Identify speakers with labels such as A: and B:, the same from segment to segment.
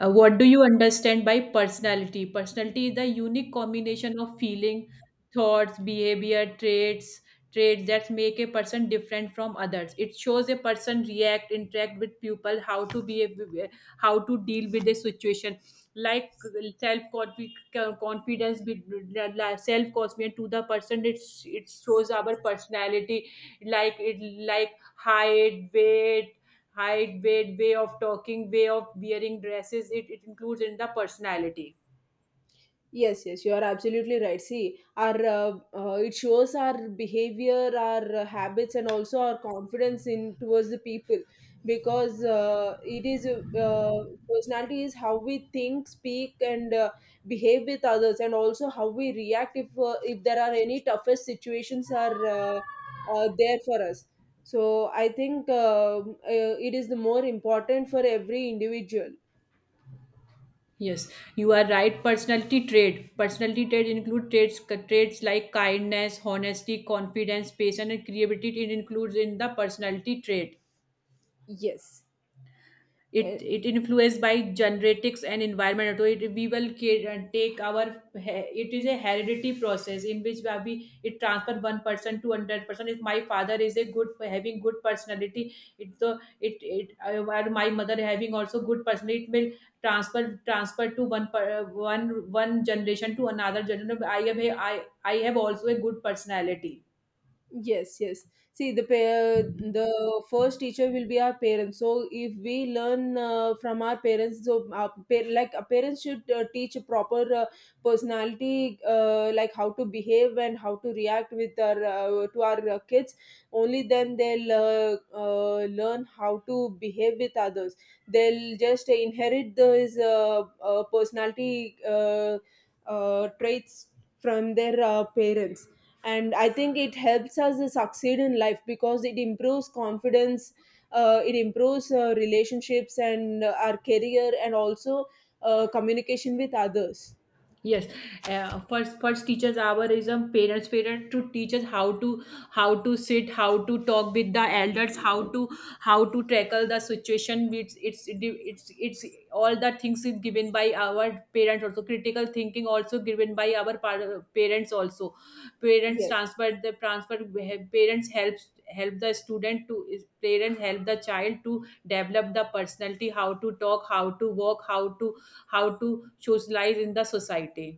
A: What do you understand by personality? Personality is the unique combination of feeling, thoughts, behavior, traits that make a person different from others. It shows a person react, interact with people, how to behave, how to deal with a situation. Like self confidence to the person, it shows our personality. Like it like height, weight, height, weight, way of talking, way of wearing dresses. It includes in the personality.
B: Yes, yes, you are absolutely right. See, our it shows our behavior, our habits, and also our confidence in towards the people, because it is personality is how we think, speak, and behave with others, and also how we react if there are any toughest situations are there for us. So I think it is the more important for every individual.
A: Yes, you are right. Personality trait. Personality trait include traits like kindness, honesty, confidence, patience, and creativity. It includes in the personality trait.
B: Yes.
A: it
B: Uh,
A: it influenced by genetics and environment, so it we will take our it is a heredity process in which we it transfer one person to another person. If my father is a good having good personality, it so it while my mother having also good personality, it will transfer to one per, one one generation to another generation. I I have also a good personality.
B: Yes, yes. See, the pair, the first teacher will be our parents. So if we learn from our parents, so like our parents should teach a proper personality, like how to behave and how to react with our to our kids. Only then they'll learn how to behave with others. They'll just inherit those personality traits from their parents. And I think it helps us succeed in life because it improves confidence, it improves relationships and our career and also communication with others.
A: Yes, first teachers hour is a parent to teach us how to sit, how to talk with the elders, how to tackle the situation. It's all the things is given by our parents, also critical thinking also given by our parents. Also parents
B: Yes.
A: transfer the transfer parents helps help the student to parents help the child to develop the personality, how to talk, how to walk, how to socialize in the society.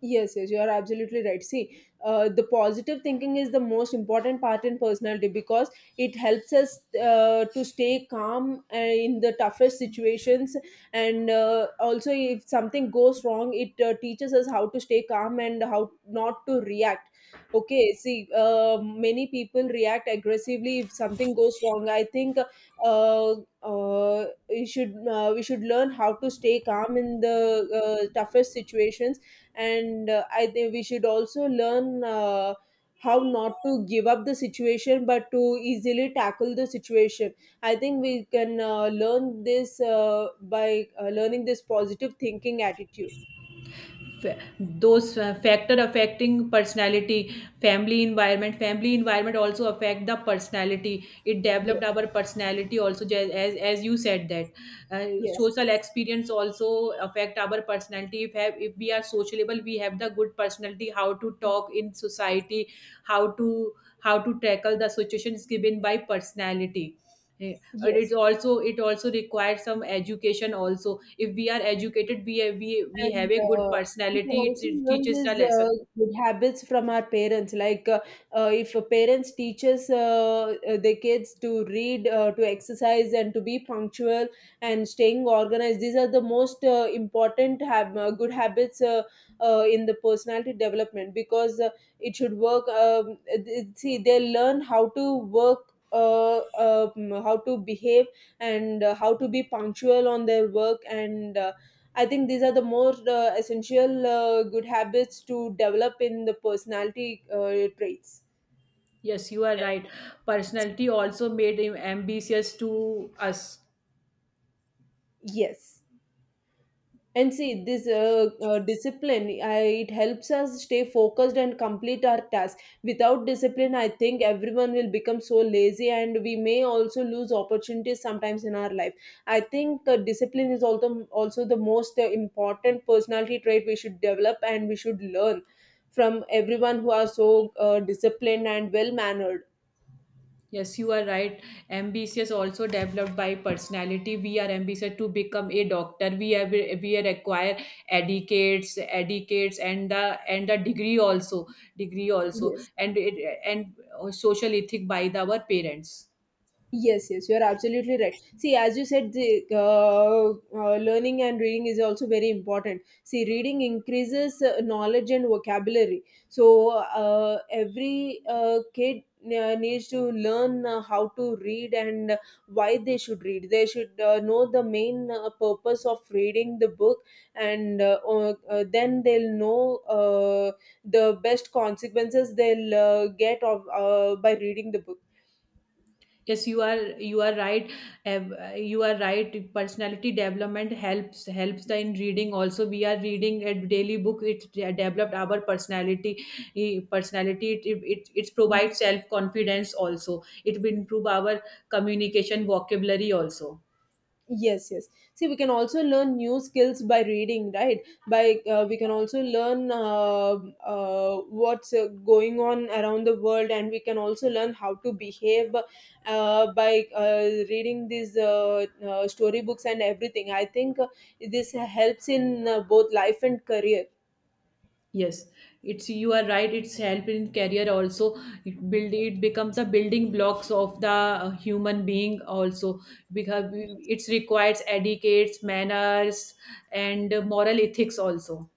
B: Yes, yes, you are absolutely right. See, the positive thinking is the most important part in personality because it helps us to stay calm in the toughest situations. And also, if something goes wrong, it teaches us how to stay calm and how not to react. Okay, see, many people react aggressively if something goes wrong. I think we should learn how to stay calm in the toughest situations, and I think we should also learn how not to give up the situation but to easily tackle the situation. I think we can learn this by learning this positive thinking attitude.
A: fa- those factor affecting personality, family environment also affect the personality. It
B: Yes,
A: developed our personality also as you said that, uh,
B: yes,
A: social experience also affect our personality. If have, if we are sociable, we have the good personality, how to talk in society, how to how to tackle the situations given by personality. Eh,
B: yes.
A: it's also it also requires some education also. If we are educated, we
B: And
A: have a good
B: we can
A: personality. It's,
B: also
A: it
B: learn
A: teaches the
B: these
A: lesson.
B: good habits from our parents. If a parents teaches their kids to read, to exercise, and to be punctual and staying organized, these are the most important good habits in the personality development because it should work. It- see, they learn how to work. How to behave and how to be punctual on their work, and I think these are the more essential good habits to develop in the personality traits.
A: Yes, you are right. Personality also made him ambitious to us.
B: Yes. And see, this discipline, it helps us stay focused and complete our task. Without discipline, I think everyone will become so lazy and we may also lose opportunities sometimes in our life. I think discipline is also the most important personality trait we should develop and we should learn from everyone who are so disciplined and well mannered.
A: Yes, you are right. Ambitious also developed by personality. We are ambitious to become a doctor. We have we require educates and the degree also, degree also,
B: Yes.
A: and it and social ethic by the, our parents.
B: Yes, yes, you're absolutely right. See, as you said, the learning and reading is also very important. See, reading increases knowledge and vocabulary. So, every kid needs to learn how to read and why they should read. They should know the main purpose of reading the book, and then they'll know the best consequences they'll get of by reading the book.
A: Yes, you are right. Ev- you are right. Personality development helps the in reading also. We are reading a daily book, it developed our personality. Personality it provides self confidence also. It will improve our communication vocabulary also.
B: Yes, yes. See, we can also learn new skills by reading, right? by We can also learn what's going on around the world, and we can also learn how to behave by reading these storybooks and everything. I think this helps in both life and career.
A: Yes, it's you are right. It's help in career also. It build it becomes a building blocks of the human being also, because it requires etiquettes, manners, and moral ethics also.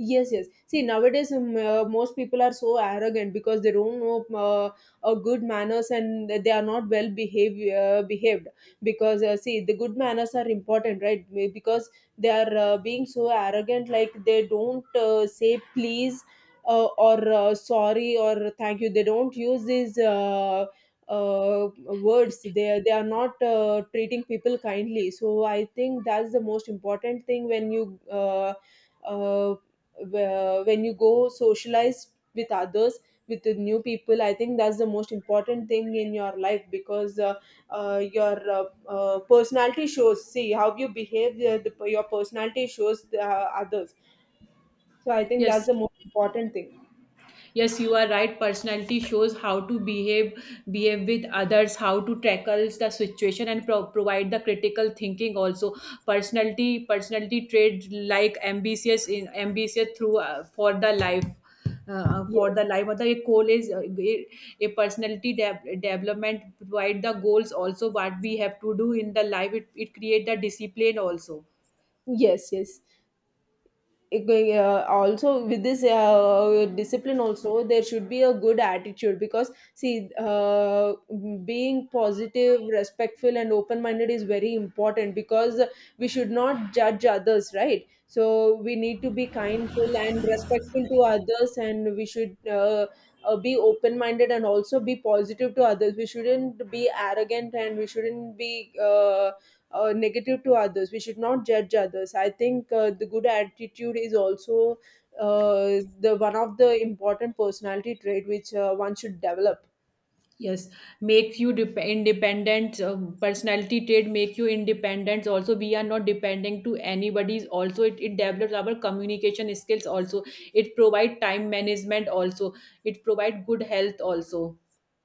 B: Yes, yes. See, nowadays most people are so arrogant because they don't know good manners and they are not well behave, behaved. Because see, the good manners are important, right? Because they are being so arrogant, like they don't say please or sorry or thank you. They don't use these words. They are not treating people kindly. So I think that's the most important thing when you. Uh, when you go socialize with others, with the new people, I think that's the most important thing in your life. Because your personality shows, see how you behave, your personality shows the others. So I think that's
A: Yes,
B: the most important thing.
A: yes, you are right. Personality shows how to behave, behave with others, how to tackle the situation and provide the critical thinking also. Personality trait like ambitious in ambitious through for the life, for
B: yes
A: the life मतलब एक goal is a personality development provide the goals also, what we have to do in the life. It create the discipline also.
B: yes yes Also, with this discipline, also there should be a good attitude because see being positive, respectful and open minded is very important because we should not judge others, right? So we need to be kindful and respectful to others, and we should be open minded and also be positive to others. We shouldn't be arrogant and we shouldn't be negative to others. We should not judge others. I think the good attitude is also uh, the one of the important personality trait which one should develop.
A: Yes, make you independent. Personality trait make you independent. Also, we are not depending to anybody's. Also, it develops our communication skills. Also, it provide time management. Also, it provide good health. Also.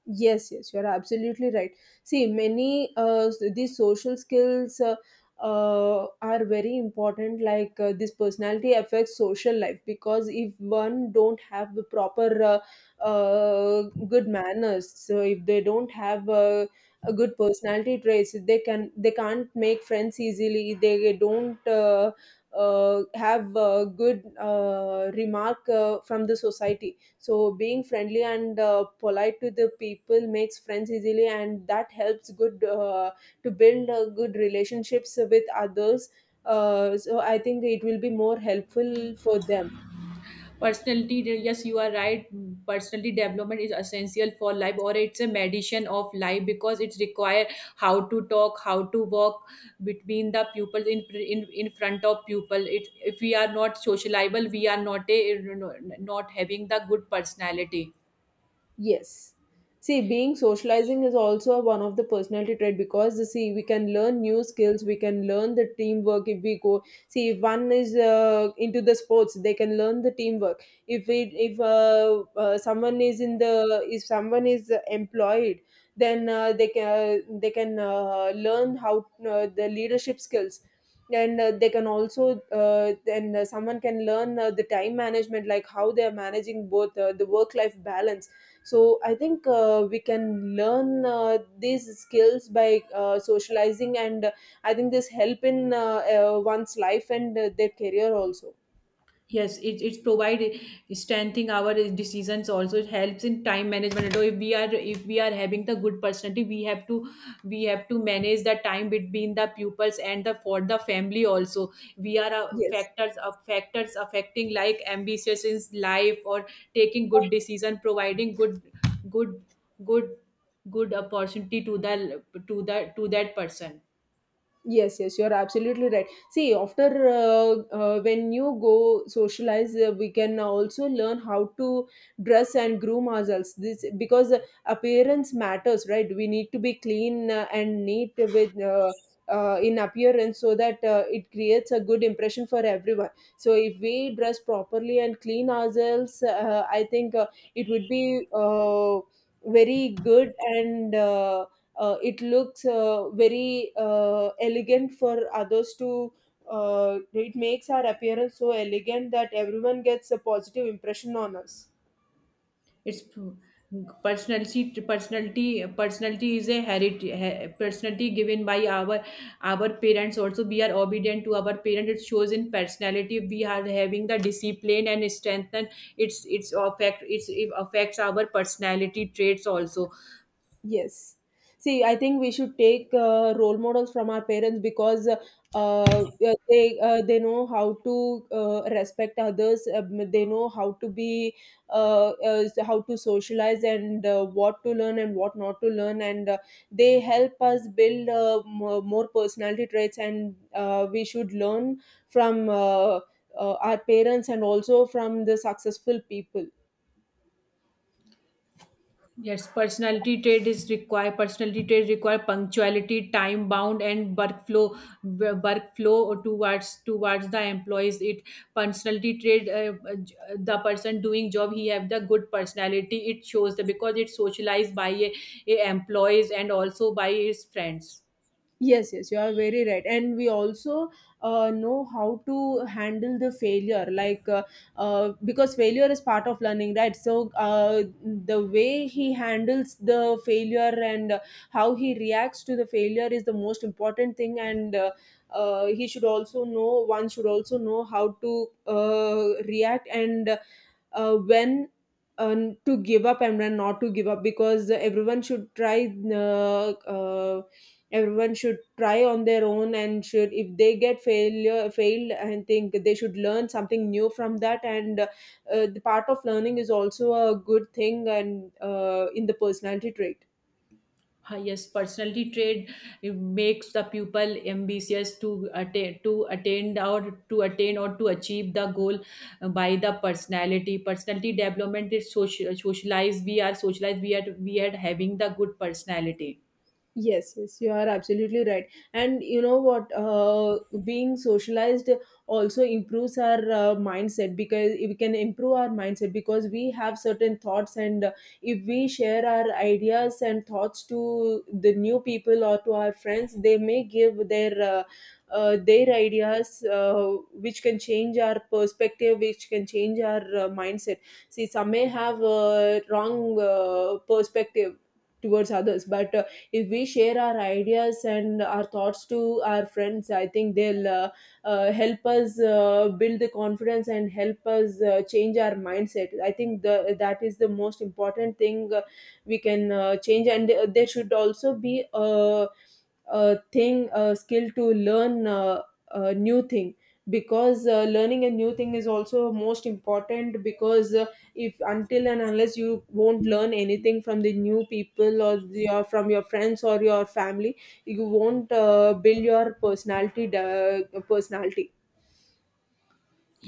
B: Yes, yes, you're absolutely right. See, many these social skills are very important. Like this personality affects social life because if one don't have the proper uh, uh, good manners, so if they don't have a good personality traits, they can they can't make friends easily. They don't. Have good remark from the society. So being friendly and polite to the people makes friends easily, and that helps good to build good relationships with others. So I think it will be more helpful for them.
A: Personality, yes, you are right. Personality development is essential for life, or it's a medicine of life, because it's require how to talk, how to walk between the people in in front of people. It, if we are not socializable, we are not a not having the good personality.
B: Yes. See, being socializing is also one of the personality trait because see we can learn new skills, we can learn the teamwork if we go. See, if one is into the sports, they can learn the teamwork. If it if someone is in the if someone is employed, then they can learn how the leadership skills. And they can also then someone can learn the time management, like how they are managing both the work life balance. So I think we can learn these skills by socializing, and I think this help in one's life and their career also.
A: Yes, it provide strengthening our decisions also. It helps in time management. So if we are having the good personality, we have to manage the time between the pupils and the for the family also. We are
B: Yes.
A: factors affecting like ambitious in life, or taking good decision, providing good good good opportunity to the to that person.
B: Yes, yes, you're absolutely right. See, after when you go socialize, we can also learn how to dress and groom ourselves. This because appearance matters, right? We need to be clean and neat with in appearance so that it creates a good impression for everyone. So if we dress properly and clean ourselves, I think it would be very good and. It looks very elegant for others to it makes our appearance so elegant that everyone gets a positive impression on us.
A: it's p- personality is a heritage. Personality given by our parents also. We are obedient to our parents, it shows in personality. We are having the discipline and strength, and it's it affects our personality traits also.
B: Yes. See, I think we should take role models from our parents, because uh, they know how to respect others. They know how to be how to socialize and what to learn and what not to learn, and they help us build more personality traits. And we should learn from our parents and also from the successful people.
A: Yes, personality trait is require. Personality trait require punctuality, time bound, and workflow, workflow towards the employees. It personality trait the person doing job, he have the good personality. It shows the, because it's socialized by a employees and also by his friends.
B: Yes, yes, you are very right. And we also know how to handle the failure, like because failure is part of learning, right? So, the way he handles the failure and how he reacts to the failure is the most important thing. And he should also know, one should also know how to react and when to give up and when not to give up, because everyone should try on their own, and should if they get failure failed, I think they should learn something new from that, and the part of learning is also a good thing, and in the personality trait.
A: Ah, yes, personality trait, it makes the pupil ambitious to attain or to achieve the goal by the personality. Personality development is social, socialized. We are we are having the good personality.
B: Yes, yes, you are absolutely right. And you know what? Being socialized also improves our mindset, because we can improve our mindset because we have certain thoughts, and if we share our ideas and thoughts to the new people or to our friends, they may give their ideas, which can change our perspective, which can change our mindset. See, some may have a wrong perspective towards others, but if we share our ideas and our thoughts to our friends, I think they'll help us build the confidence and help us change our mindset. I think the that is the most important thing we can change. And there should also be a thing, a skill to learn a new thing, because learning a new thing is also most important, because if until and unless you won't learn anything from the new people or your from your friends or your family, you won't build your personality.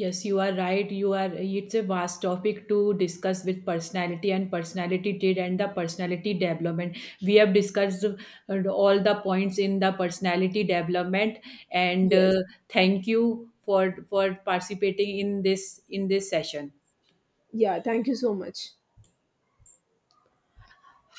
A: Yes, you are right. You are. It's a vast topic to discuss with personality and personality trait and the personality development. We have discussed all the points in the personality development, and
B: Yes,
A: thank you for participating in this session.
B: yeah, thank you so much.